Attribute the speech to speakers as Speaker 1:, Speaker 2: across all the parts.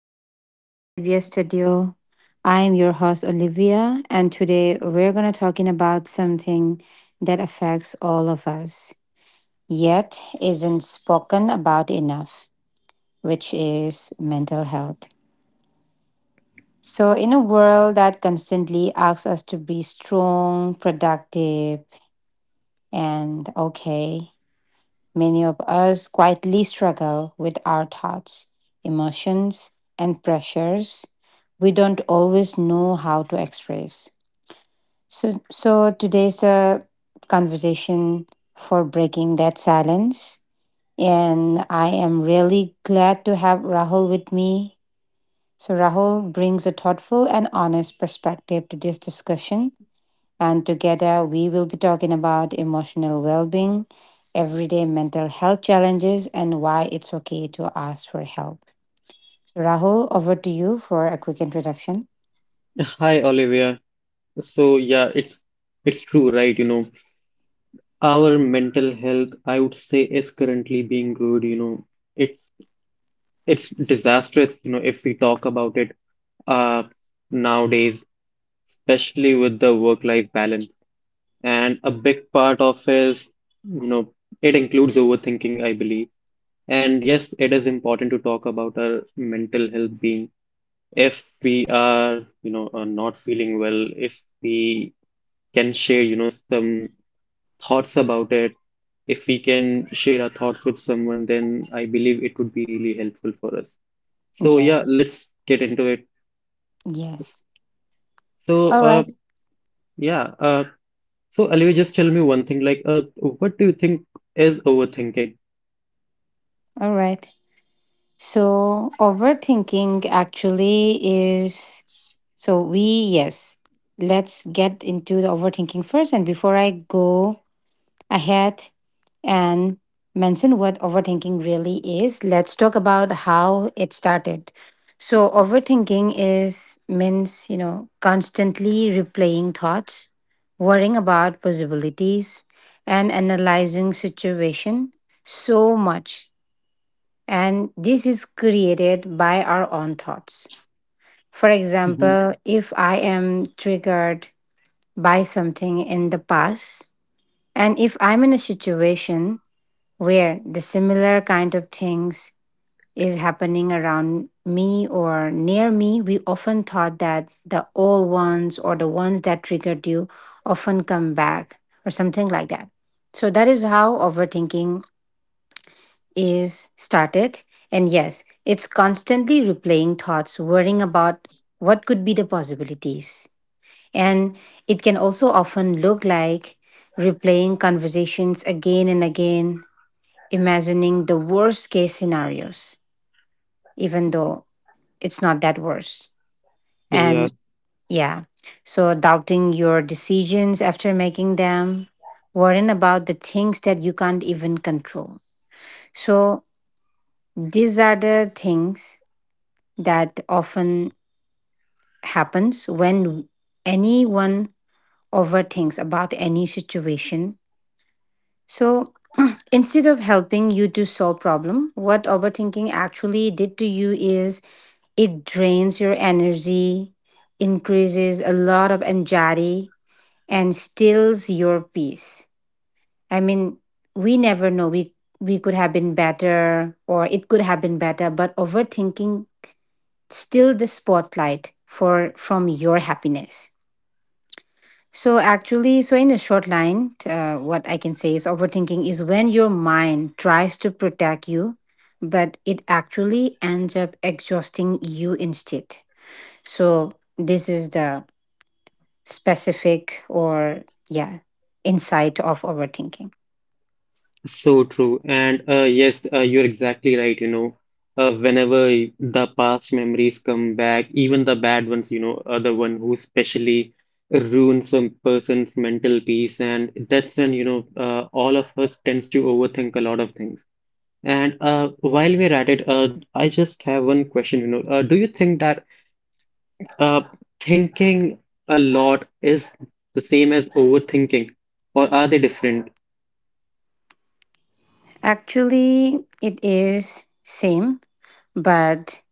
Speaker 1: welcome to Olivia Studio. I am your host, Olivia, and today we're going to talking about something that affects all of us, yet isn't spoken about enough, which is mental health. So, in a world that constantly asks us to be strong, productive, and okay, many of us quietly struggle with our thoughts, emotions, and pressures we don't always know how to express. So today's a conversation for breaking that silence. And I am really glad to have Rahul with me. So, Rahul brings a thoughtful and honest perspective to this discussion, and together we will be talking about emotional well being, everyday mental health challenges, and why it's okay to ask for help. So, Rahul, over to you for a quick introduction.
Speaker 2: Hi, Olivia. It's it's true, right? Our mental health, I would say, is currently being good. It's it's disastrous. You know, if we talk about it, uh, nowadays, especially with the work-life balance, and a big part of is, you know, it includes overthinking, I believe. And yes, it is important to talk about our mental health being if we are, not feeling well, if we can share, some thoughts about it. If we can share our thoughts with someone, then I believe it would be really helpful for us. So yeah,
Speaker 1: Yes,
Speaker 2: let's get into it.
Speaker 1: yes.
Speaker 2: So
Speaker 1: All
Speaker 2: uh,
Speaker 1: right,
Speaker 2: yeah, uh, so Alivi, just tell me one thing, what do you think is overthinking?
Speaker 1: all right. So, overthinking actually is so we, yes, let's get into the overthinking first. And before I go ahead and mention what overthinking really is, let's talk about how it started. So, overthinking is means, you know, constantly replaying thoughts, worrying about possibilities, and analyzing situation so much. And this is created by our own thoughts. For
Speaker 2: Mhm.
Speaker 1: example, if I am triggered by something in the past, and if I'm in a situation where the similar kind of things is happening around me or near me, we often thought that the old ones or the ones that triggered you often come back or something like that. So that is how overthinking is started. And yes, it's constantly replaying thoughts, worrying about what could be the possibilities. And it can also often look like replaying conversations again and again, imagining the worst case scenarios, even though it's not that worse.
Speaker 2: Yeah,
Speaker 1: And yeah, so doubting your decisions after making them, worrying about the things that you can't even control. So these are the things that often happens when anyone overthinks about any situation. So instead of helping you to solve problem, what overthinking actually did to you is it drains your energy, increases a lot of anxiety, and stills your peace. I mean, we never know. We could have been better or it could have been better, but overthinking still the spotlight for from your happiness. So actually, so in a short line, what I can say is overthinking is when your mind tries to protect you, but it actually ends up exhausting you instead. So this is the specific or yeah insight of overthinking.
Speaker 2: so true. You're exactly right. Whenever the past memories come back, even the bad ones, you know, are the one who specially ruins some person's mental peace. And that's when, all of us tends to overthink a lot of things. And While we're at it, I just have one question, do you think that uh, thinking a lot is the same as overthinking, or are they different?
Speaker 1: Actually, it is same, but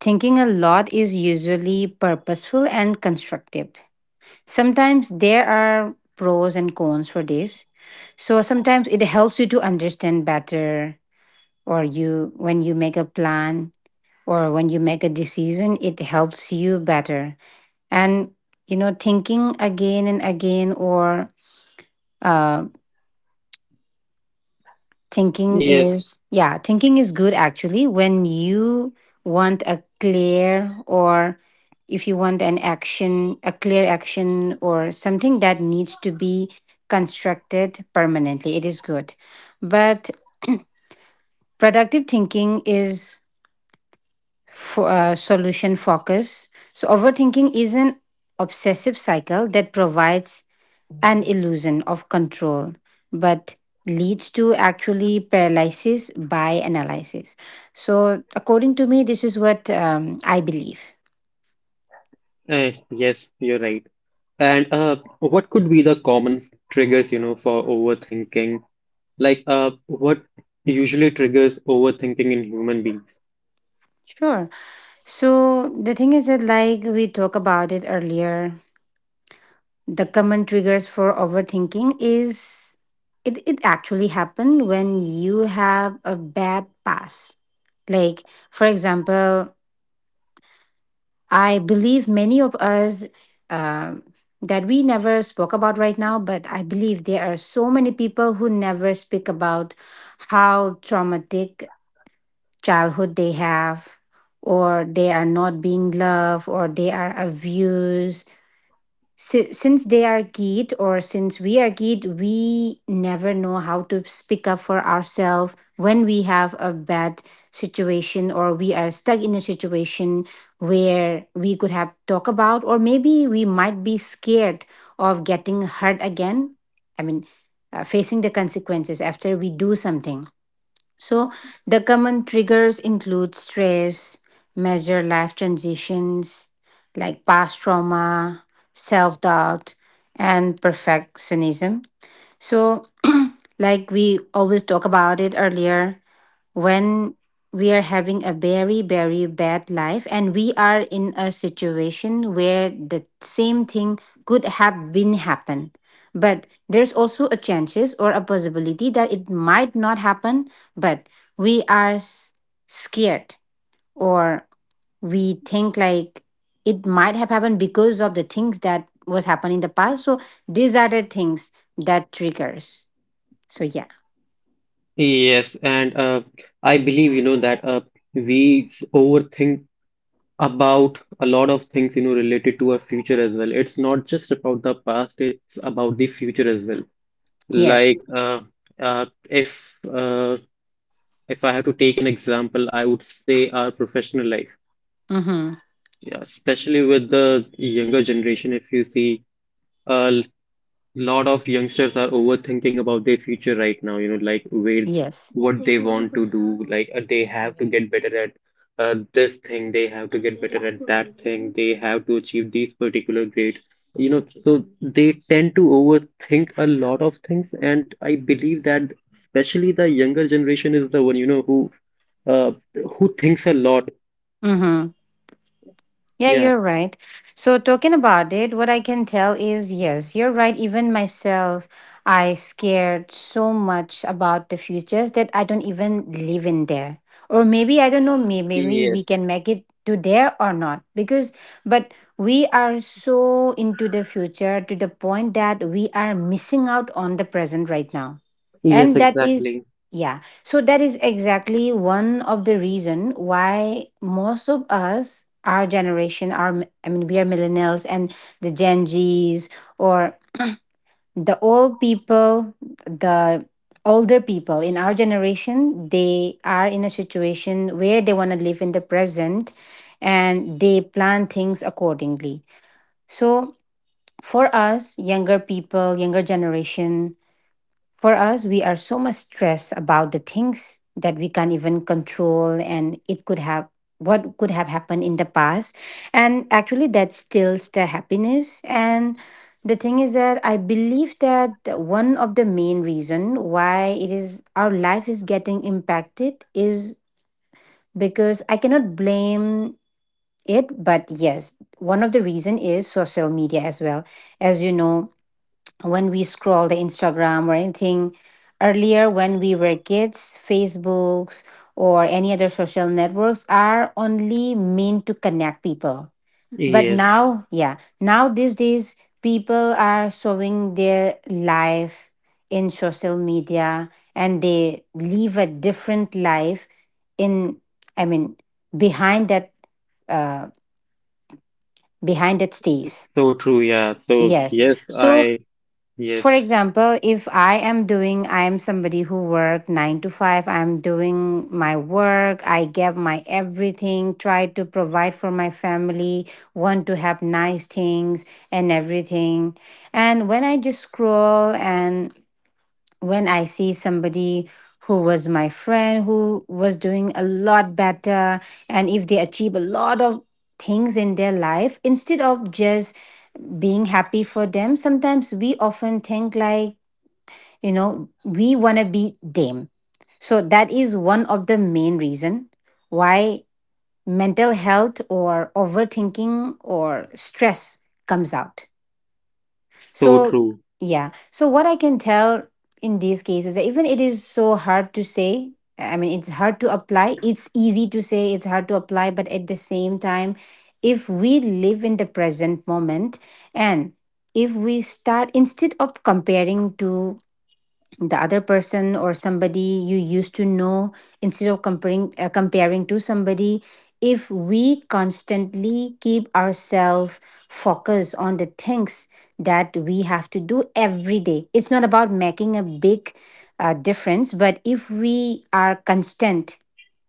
Speaker 1: thinking a lot is usually purposeful and constructive. Sometimes there are pros and cons for this. So sometimes it helps you to understand better, or you when you make a plan or when you make a decision it helps you better. And you know thinking again and again, or uh, thinking
Speaker 2: Yes,
Speaker 1: is yeah thinking is good actually when you want a clear or if you want an action a clear action or something that needs to be constructed permanently, it is good. But productive thinking is for, solution focus. So overthinking is an obsessive cycle that provides an illusion of control, but leads to actually paralysis by analysis. So, according to me, this is what I believe.
Speaker 2: eh, yes, you're right. And What could be the common triggers, you know, for overthinking? What usually triggers overthinking in human beings?
Speaker 1: Sure. So, the thing is that, like we talked about it earlier, the common triggers for overthinking is it actually happened when you have a bad past. Like, for example, I believe many of us um, that we never spoke about right now, but I believe there are so many people who never speak about how traumatic childhood they have, or they are not being loved, or they are abused since they are kid, or since we are kid we never know how to speak up for ourselves when we have a bad situation or we are stuck in a situation where we could have talk about, or maybe we might be scared of getting hurt again. I mean, facing the consequences after we do something. So the common triggers include stress, major life transitions like past trauma, self doubt, and perfectionism. So, like we always talk about it earlier, when we are having a very, very bad life and we are in a situation where the same thing could have been happen. But there's also a chances or a possibility that it might not happen, but we are scared, or we think like it might have happened because of the things that was happened in the past. So these are the things that triggers. So yeah.
Speaker 2: Yes, and I believe, that overthink about a lot of things, you know, related to our future as well. It's not just about the past, it's about the future as well.
Speaker 1: Yes.
Speaker 2: Like, uh, uh, if uh, if I have to take an example, I would say our professional life.
Speaker 1: Mm-hmm.
Speaker 2: Yeah, especially with the younger generation, if you see a lot of youngsters are overthinking about their future right now, you know, like where
Speaker 1: Yes.
Speaker 2: what they want to do, they have to get better at this thing, they have to get better at that thing, they have to achieve these particular grades, you know, so they tend to overthink a lot of things, and I believe that especially the younger generation is the one, you know, uh, who thinks a lot.
Speaker 1: Mm-hmm. Yeah,
Speaker 2: Yeah.
Speaker 1: you're right. So, talking about it, what I can tell is yes, you're right. Even myself, I scared so much about the futures that I don't even live in there. Or maybe, I don't know, maybe we
Speaker 2: Yes.
Speaker 1: can make it to there or not. Because, but we are so into the future to the point that we are missing out on the present right now.
Speaker 2: Yes,
Speaker 1: And that is,
Speaker 2: exactly.
Speaker 1: yeah. So that is exactly one of the reason why most of us, our generation, our I mean, we are millennials and the Gen Zs or the old people, the older people in our generation, they are in a situation where they want to live in the present and they plan things accordingly. So for us, younger people, younger generation, for us, we are so much stressed about the things that we can't even control, and it could have what could have happened in the past. And actually, that steals the happiness. And the thing is that I believe that one of the main reason why it is our life is getting impacted is because I cannot blame it, but yes, one of the reason is social media as well. As you know, when we scroll the Instagram or anything earlier when we were kids, Facebooks or any other social networks are only meant to connect people. But
Speaker 2: Yes,
Speaker 1: now, yeah, now these days people are showing their life in social media and they live a different life in I mean behind that uh behind that stage.
Speaker 2: it's so true. Yeah. So
Speaker 1: Yes.
Speaker 2: yes,
Speaker 1: So
Speaker 2: I
Speaker 1: for
Speaker 2: Yes,
Speaker 1: example, if I am doing, I am somebody who work 9 to 5, I'm doing my work, I give my everything, try to provide for my family, want to have nice things and everything. And when I just scroll and when I see somebody who was my friend who was doing a lot better, and if they achieve a lot of things in their life, instead of just being happy for them sometimes we often think like you know we want to be them. So that is one of the main reason why mental health or overthinking or stress comes out.
Speaker 2: so
Speaker 1: So
Speaker 2: true.
Speaker 1: yeah, so what I can tell in these cases that even it is so hard to say, I mean it's hard to apply, it's easy to say it's hard to apply, but at the same time, if we live in the present moment and if we start instead of comparing to the other person or somebody you used to know, instead of comparing comparing to somebody, if we constantly keep ourselves focused on the things that we have to do every day, it's not about making a big difference, but if we are constant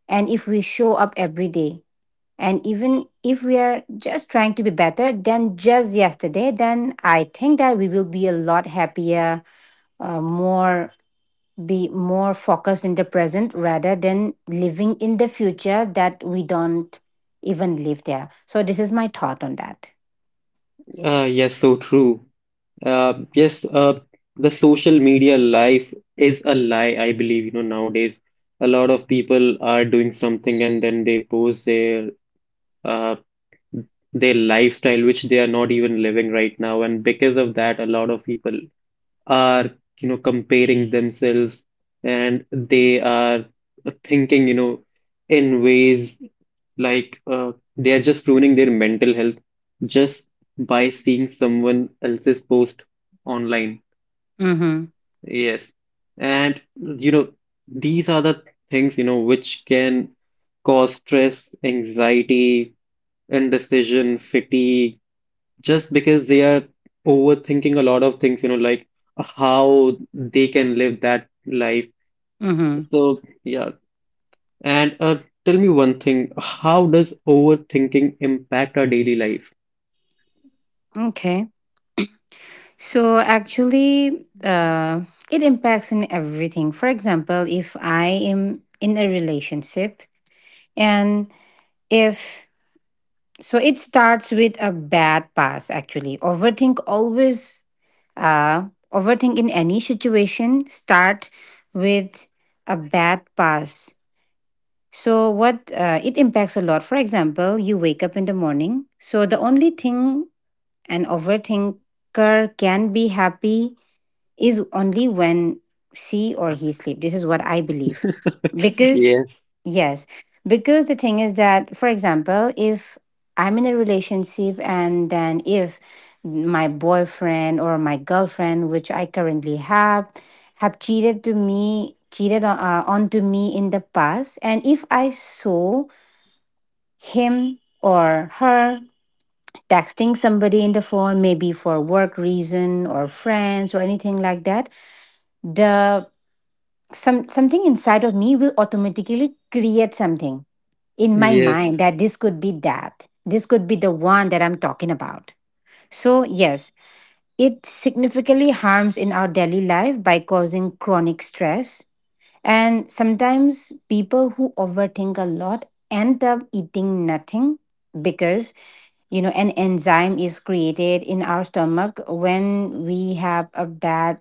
Speaker 1: and if we show up every day, and even if we are just trying to be better than just yesterday, then I think that we will be a lot happier, more be more focused in the present rather than living in the future that we don't even live there. So this is my thought on that.
Speaker 2: Yes, so true. Uh, yes, uh, the social media life is a lie, I believe, you know, nowadays. A lot of people are doing something and then they post uh, their lifestyle, which they are not even living right now. And because of that, a lot of people are, you know, comparing themselves and they are thinking, you know, in ways they are just ruining their mental health just by seeing someone else's post online.
Speaker 1: Mm-hmm.
Speaker 2: Yes. And you know, these are the things, you know, which can cause stress, anxiety, indecision, fatigue, just because they are overthinking a lot of things, you know, how they can live that life.
Speaker 1: Mm-hmm.
Speaker 2: So, yeah. And Tell me one thing, how does overthinking impact our daily life?
Speaker 1: Okay. So actually, it impacts in everything. For example, if I am in a relationship and if so it starts with a bad pass, actually. Overthink always, uh, overthink in any situation start with a bad pass. So what it impacts a lot. For example, you wake up in the morning. So the only thing an overthinker can be happy is only when she or he sleep. This is what I believe. Because,
Speaker 2: Yes,
Speaker 1: yes, because the thing is that, for example, if I'm in a relationship and then if my boyfriend or my girlfriend, which I currently have cheated to me, cheated on, onto me in the past, and if I saw him or her texting somebody in the phone, maybe for work reason or friends or anything like that, the some something inside of me will automatically create something in my
Speaker 2: yes,
Speaker 1: mind that this could be the one that I'm talking about. So, yes, it significantly harms in our daily life by causing chronic stress. And sometimes people who overthink a lot end up eating nothing because an enzyme is created in our stomach when we have a bad,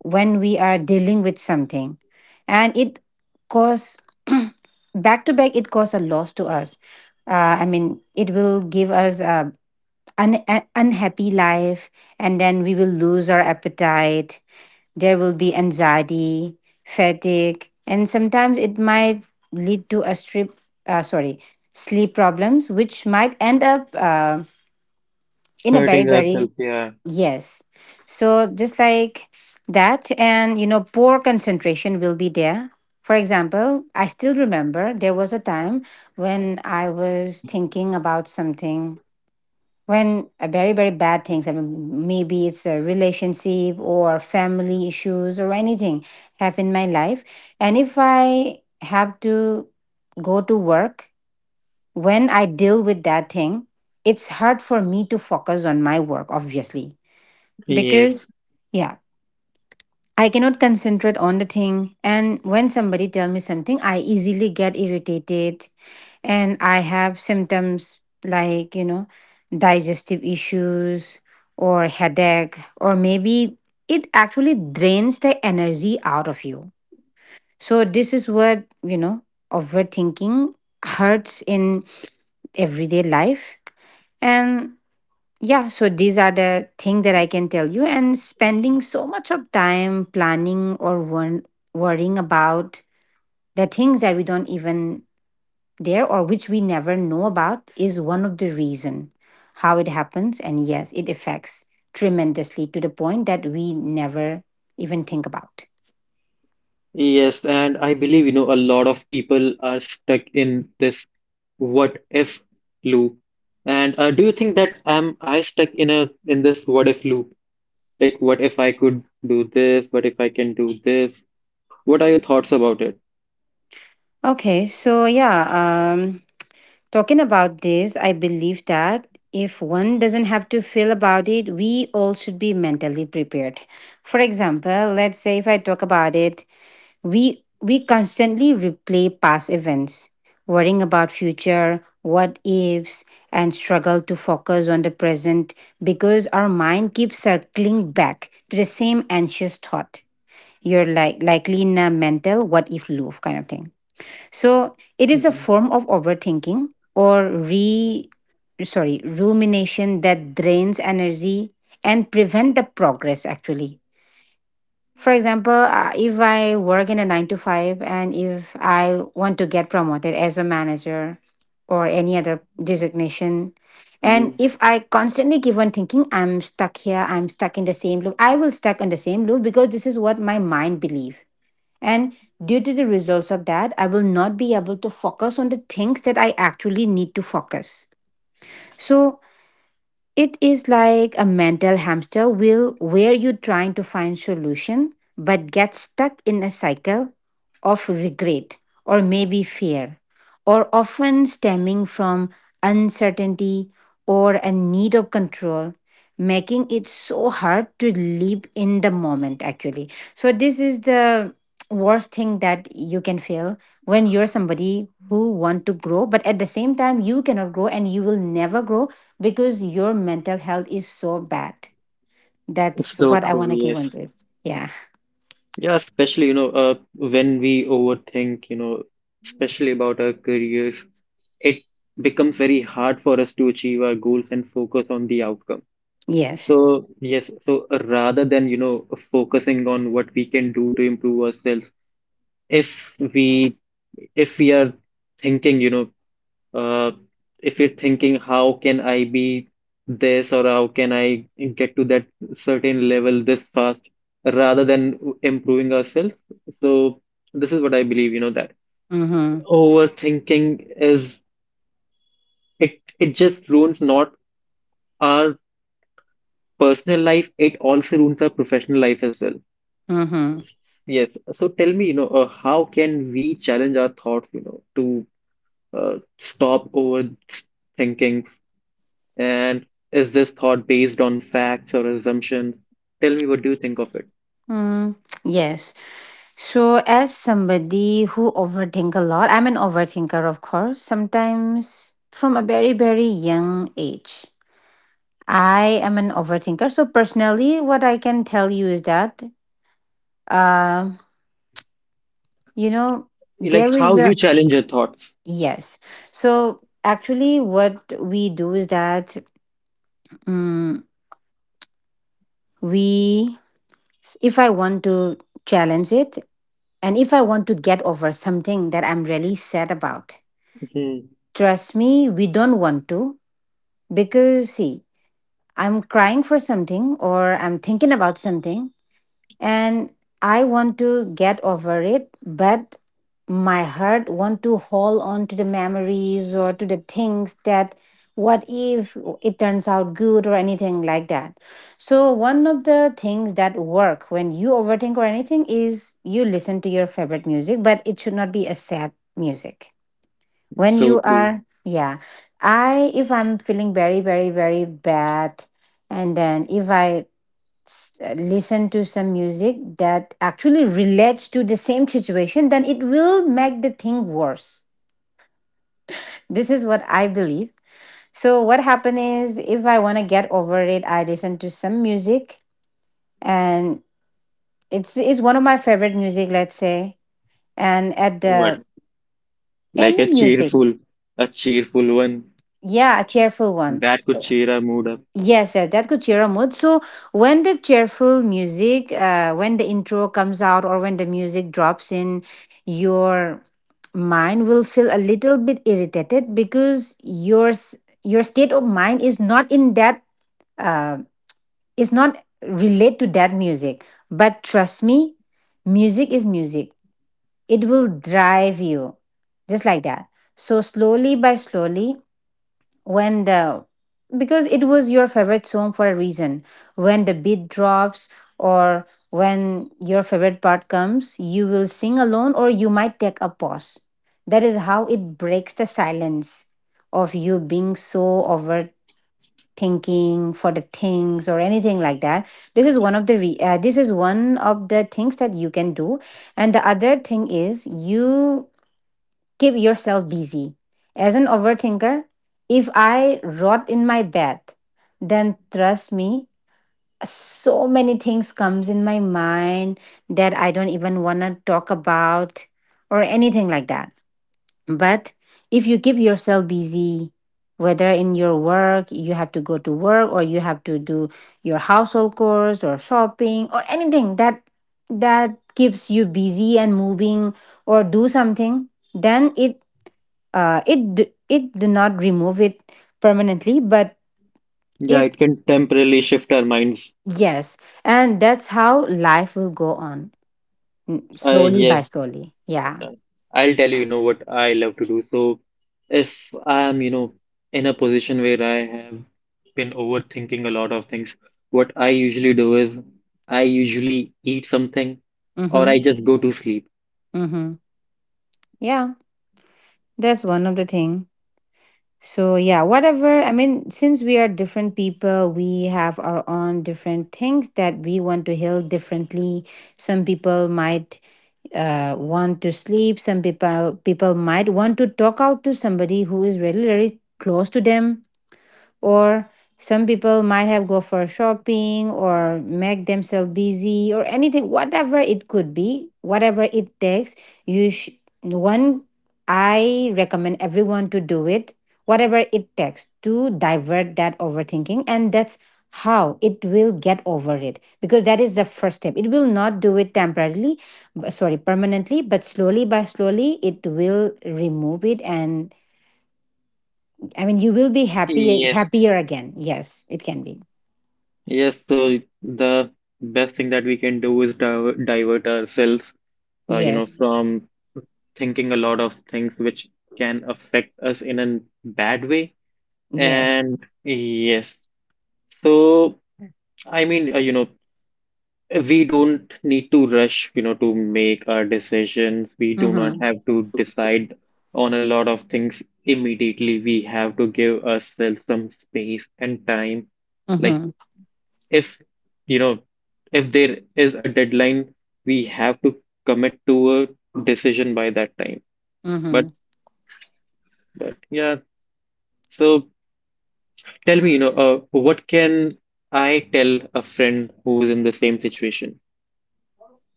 Speaker 1: when we are dealing with something, and it cause back to back it cause a loss to us. I mean, it will give us a unhappy life. And then we will lose our appetite. There will be anxiety, fatigue, and sometimes it might lead to a strip sorry sleep problems, which might end up in a very,
Speaker 2: hurting
Speaker 1: very...
Speaker 2: ourselves, yeah.
Speaker 1: Yes. So just like that. And, poor concentration will be there. For example, I still remember there was a time when I was thinking about something, when a very, very bad things, I mean, maybe it's a relationship or family issues or anything, have in my life. And if I have to go to work, when I deal with that thing, it's hard for me to focus on my work, obviously,
Speaker 2: Yes,
Speaker 1: because, yeah, I cannot concentrate on the thing. And when somebody tell me something, I easily get irritated. And I have symptoms like digestive issues or headache, or maybe it actually drains the energy out of you. So this is what overthinking hurts in everyday life. And yeah, so these are the thing that I can tell you. And spending so much of time planning or worrying about the things that we don't even dare or which we never know about is one of the reason how it happens. And yes, it affects tremendously to the point that we never even think about.
Speaker 2: yes, and I believe, you know, a lot of people are stuck in this what if loop. And Do you think that am I stuck in a in this what if loop? Like, what if I could do this? What if I can do this? What are your thoughts about it?
Speaker 1: Okay, so yeah, talking about this, I believe that if one doesn't have to feel about it, we all should be mentally prepared. For example, let's say if I talk about it, we constantly replay past events, worrying about future what ifs, and struggle to focus on the present because our mind keeps circling back to the same anxious thought. You're likely in a mental what if loop kind of thing. So it is a
Speaker 2: Hmm.
Speaker 1: form of overthinking, or re rumination, that drains energy and prevent the progress actually. For example, if I work in a 9 to 5 and if I want to get promoted as a manager or any other designation, and
Speaker 2: Hmm.
Speaker 1: if I constantly keep on thinking, I'm stuck here, I'm stuck in the same loop, I will stuck in the same loop because this is what my mind believes. And due to the results of that, I will not be able to focus on the things that I actually need to focus. So it is like a mental hamster wheel where you're trying to find solution but get stuck in a cycle of regret, or maybe fear, or often stemming from uncertainty or a need of control, making it so hard to live in the moment actually. So, this is the worst thing that you can feel when you're somebody who want to grow, but at the same time you cannot grow and you will never grow because your mental health is so bad.
Speaker 2: It's
Speaker 1: That's
Speaker 2: so
Speaker 1: what I
Speaker 2: true,
Speaker 1: want to give on
Speaker 2: yes.
Speaker 1: this. Yeah.
Speaker 2: Yeah, especially, when we overthink, you know, especially about our careers, it becomes very hard for us to achieve our goals and focus on the outcome.
Speaker 1: Yes.
Speaker 2: So, yes, so rather than, you know, focusing on what we can do to improve ourselves, if we if we are thinking, Uh, if you're thinking, how can I be this or how can I get to that certain level this fast rather than improving ourselves? So this is what I believe, you know, that
Speaker 1: Mm-hmm.
Speaker 2: overthinking is it just ruins not our personal life, it also ruins our professional life as well.
Speaker 1: Mm-hmm.
Speaker 2: Yes. So tell me, how can we challenge our thoughts, to stop overthinking, and is this thought based on facts or assumptions? Tell me what do you think of it?
Speaker 1: Mm, yes. So, as somebody who overthink a lot, I'm an overthinker, of course. Sometimes from a very, very young age, I am an overthinker. So, personally, what I can tell you is that, uh, you know,
Speaker 2: Like
Speaker 1: there
Speaker 2: how
Speaker 1: is a
Speaker 2: you challenge your thoughts.
Speaker 1: yes. So, actually, what we do is that, mm, we, if I want to challenge it, and if I want to get over something that I'm really sad about.
Speaker 2: Mhm.
Speaker 1: Trust me, we don't want to. Because, see, I'm crying for something or I'm thinking about something, and I want to get over it, but my heart want to hold on to the memories or to the things that what if it turns out good or anything like that. So one of the things that work when you overthink or anything is you listen to your favorite music, but it should not be a sad music. when
Speaker 2: So
Speaker 1: you
Speaker 2: true.
Speaker 1: are yeah I if I'm feeling very, very, very bad, and then if I listen to some music that actually relates to the same situation, then it will make the thing worse. This is what I believe. So what happened is if I want to get over it, I listen to some music. And it's one of my favorite music, let's say. And at
Speaker 2: What?
Speaker 1: the
Speaker 2: Like
Speaker 1: any music.
Speaker 2: a cheerful one
Speaker 1: Yeah, a cheerful one.
Speaker 2: that could cheer our mood up.
Speaker 1: Yes, yes, that could cheer a mood. So when the cheerful music, when the intro comes out or when the music drops in, your mind will feel a little bit irritated because your state of mind is not in that, uh, is not relate to that music. But trust me, music is music. It will drive you just like that. So slowly by slowly, when the because it was your favorite song for a reason, when the beat drops or when your favorite part comes, you will sing alone or you might take a pause. That is how it breaks the silence of you being so overthinking for the things or anything like that. This is one of the things that you can do. And the other thing is you... keep yourself busy. As an overthinker, if I rot in my bed, then trust me, so many things comes in my mind that I don't even want to talk about or anything like that. But if you keep yourself busy, whether in your work, you have to go to work or you have to do your household chores or shopping or anything that that keeps you busy and moving, or do something, then it it did not remove it permanently, but...
Speaker 2: Yeah,
Speaker 1: it
Speaker 2: it can temporarily shift our minds.
Speaker 1: yes, and that's how life will go on, slowly
Speaker 2: Yes,
Speaker 1: by slowly. Yeah.
Speaker 2: Uh, I'll tell you, you know, what I love to do. So if I'm, you know, in a position where I have been overthinking a lot of things, what I usually do is I usually eat something or
Speaker 1: Mm-hmm.
Speaker 2: I just go to sleep.
Speaker 1: Mm-hmm. Yeah, that's one of the thing. So yeah, whatever. I mean, since we are different people, we have our own different things that we want to heal differently. Some people might want to sleep. Some people might want to talk out to somebody who is really, really close to them. Or some people might have go for shopping or make themselves busy or anything, whatever it could be, whatever it takes. You sh- one I recommend everyone to do it, whatever it takes, to divert that overthinking. And that's how it will get over it because that is the first step. It will not do it temporarily, sorry, permanently. But slowly by slowly, it will remove it. And I mean, you will be happy,
Speaker 2: Yes.
Speaker 1: happier again. Yes, it can be.
Speaker 2: Yes, so the best thing that we can do is divert ourselves, you know,
Speaker 1: Yes,
Speaker 2: from thinking a lot of things which can affect us in a bad way.
Speaker 1: yes.
Speaker 2: And yes, so I mean, you know, we don't need to rush, you know, to make our decisions. We do not
Speaker 1: Mm-hmm,
Speaker 2: have to decide on a lot of things immediately. We have to give ourselves some space and time. Like
Speaker 1: mm-hmm,
Speaker 2: if, you know, if there is a deadline, we have to commit to a decision by that time. But
Speaker 1: mm-hmm.
Speaker 2: but yeah, so tell me, what can I tell a friend who is in the same situation?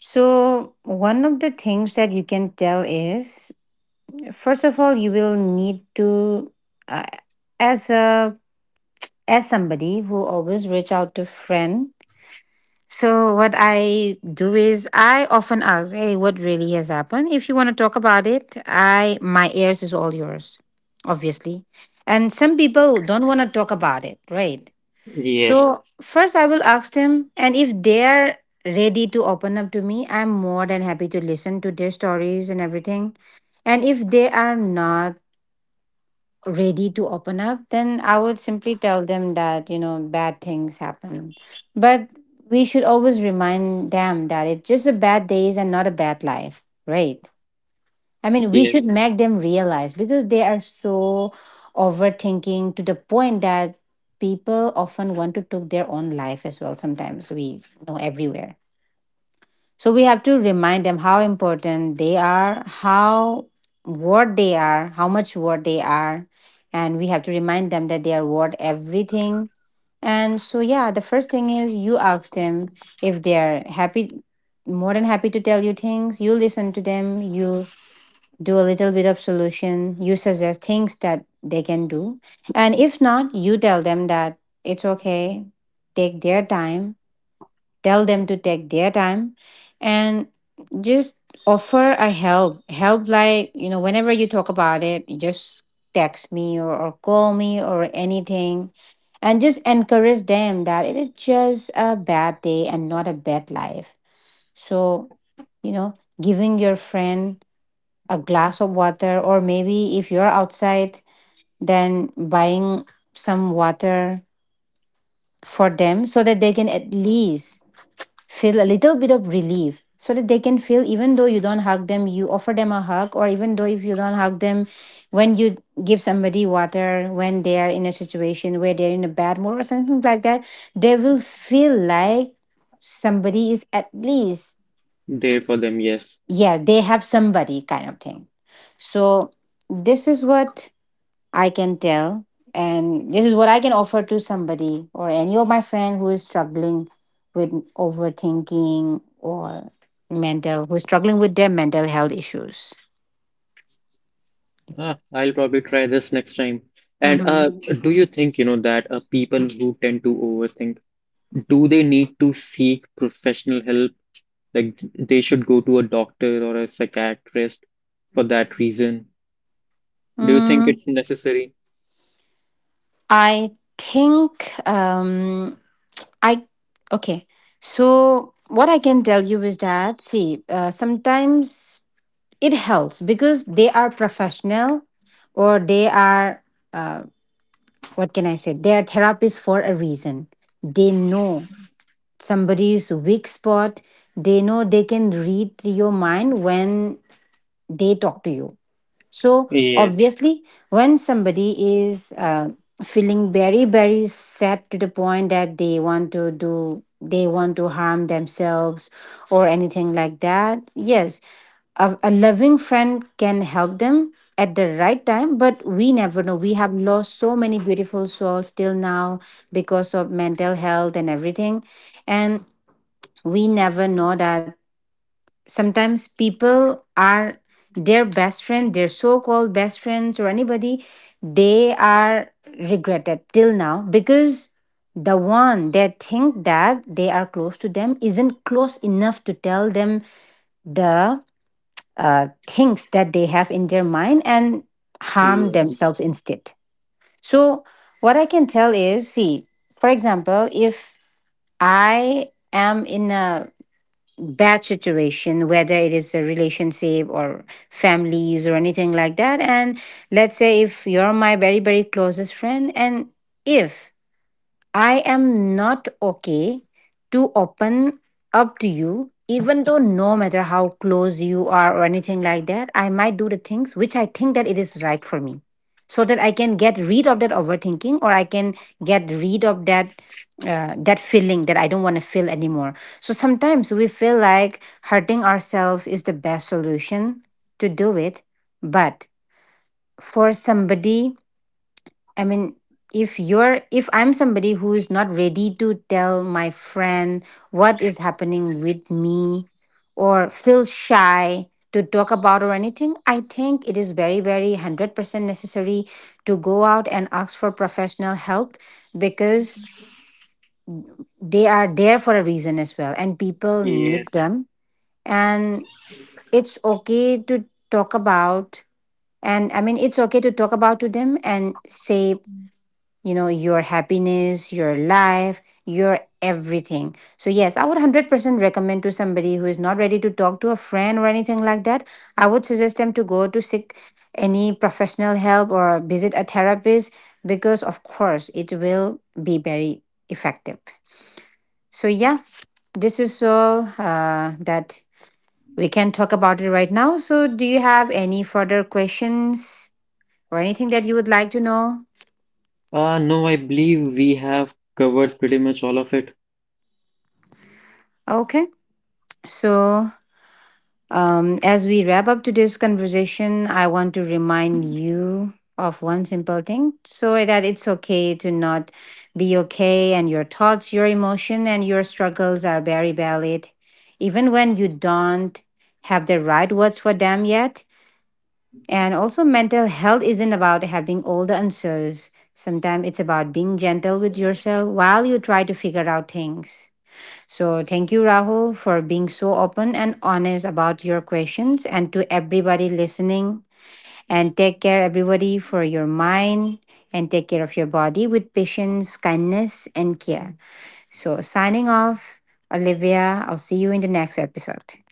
Speaker 1: So, one of the things that you can tell is, first of all, you will need to, uh, as a as somebody who always reach out to friend. So what I do is I often ask, "Hey, what really has happened? If you want to talk about it, I my ears is all yours, obviously." And some people don't want to talk about it, right?
Speaker 2: Yes,
Speaker 1: So first I will ask them, and if they're ready to open up to me, I'm more than happy to listen to their stories and everything. And if they are not ready to open up, then I would simply tell them that, you know, bad things happen. But we should always remind them that it's just a bad days and not a bad life, right? I mean, we should
Speaker 2: yes,
Speaker 1: make them realize because they are so overthinking to the point that people often want to take their own life as well. Sometimes we know everywhere. So we have to remind them how important they are, how what they are, how much what they are, and we have to remind them that they are worth everything. And so yeah, the first thing is you ask them. If they are happy, more than happy to tell you things, you listen to them. You do a little bit of solution. You suggest things that they can do, and if not, you tell them that it's okay. Take their time, tell them to take their time, and just offer a help, like, whenever you talk about it, you just text me, or call me or anything. And just encourage them that it is just a bad day and not a bad life. So, you know, giving your friend a glass of water, or maybe if you're outside, then buying some water for them so that they can at least feel a little bit of relief, so that they can feel, even though you don't hug them, you offer them a hug, or even though if you don't hug them, when you give somebody water when they are in a situation where they're in a bad mood or something like that, they will feel like somebody is at least...
Speaker 2: there for them, yes.
Speaker 1: yeah, they have somebody, kind of thing. So, this is what I can tell. And this is what I can offer to somebody or any of my friend who is struggling with overthinking or who's struggling with their mental health issues.
Speaker 2: Ah, I'll probably try this next time. And
Speaker 1: Mm-hmm.
Speaker 2: Do you think, you know, that people who tend to overthink, do they need to seek professional help? Like they should go to a doctor or a psychiatrist for that reason? Do you think
Speaker 1: Mm,
Speaker 2: it's necessary?
Speaker 1: I think um, I okay. So what I can tell you is that see, sometimes it helps because they are professional or they are uh, what can I say? They are therapists for a reason. They know somebody's weak spot. They know they can read your mind when they talk to you. So
Speaker 2: Yes,
Speaker 1: obviously, when somebody is feeling very, very sad to the point that they want to harm themselves or anything like that, yes, a loving friend can help them at the right time, but we never know. We have lost so many beautiful souls till now because of mental health and everything, and we never know that sometimes people are their best friend, their so-called best friends, or anybody. They are regretted till now because the one they think that they are close to them isn't close enough to tell them the things that they have in their mind, and harm
Speaker 2: yes,
Speaker 1: themselves instead. So what I can tell is, see, for example, if I am in a bad situation, whether it is a relationship or families or anything like that. And let's say if you're my very, very closest friend, and if I am not okay to open up to you, even though no matter how close you are or anything like that, I might do the things which I think that it is right for me. So that I can get rid of that overthinking, or I can get rid of that that feeling that I don't want to feel anymore. So sometimes we feel like hurting ourselves is the best solution to do it. But for somebody, I mean, if I'm somebody who's not ready to tell my friend what is happening with me, or feel shy to talk about or anything, I think it is very, very 100% necessary to go out and ask for professional help, because they are there for a reason as well and people need
Speaker 2: yes.
Speaker 1: them. And it's okay to talk about, and I mean, it's okay to talk about to them and say, you know, your happiness, your life, your everything. So yes, I would 100% recommend to somebody who is not ready to talk to a friend or anything like that. I would suggest them to go to seek any professional help or visit a therapist, because of course it will be very effective. So yeah, this is all that we can talk about it right now. So do you have any further questions or anything that you would like to know?
Speaker 2: No, I believe we have covered pretty much all of it.
Speaker 1: Okay, so as we wrap up today's conversation, I want to remind you of one simple thing, so that it's okay to not be okay, and your thoughts, your emotion, and your struggles are very valid, even when you don't have the right words for them yet. And also, mental health isn't about having all the answers. Sometimes it's about being gentle with yourself while you try to figure out things. So, thank you, Rahul, for being so open and honest about your questions. And to everybody listening, and take care, everybody, for your mind, and take care of your body with patience, kindness, and care. So, signing off, Olivia, I'll see you in the next episode.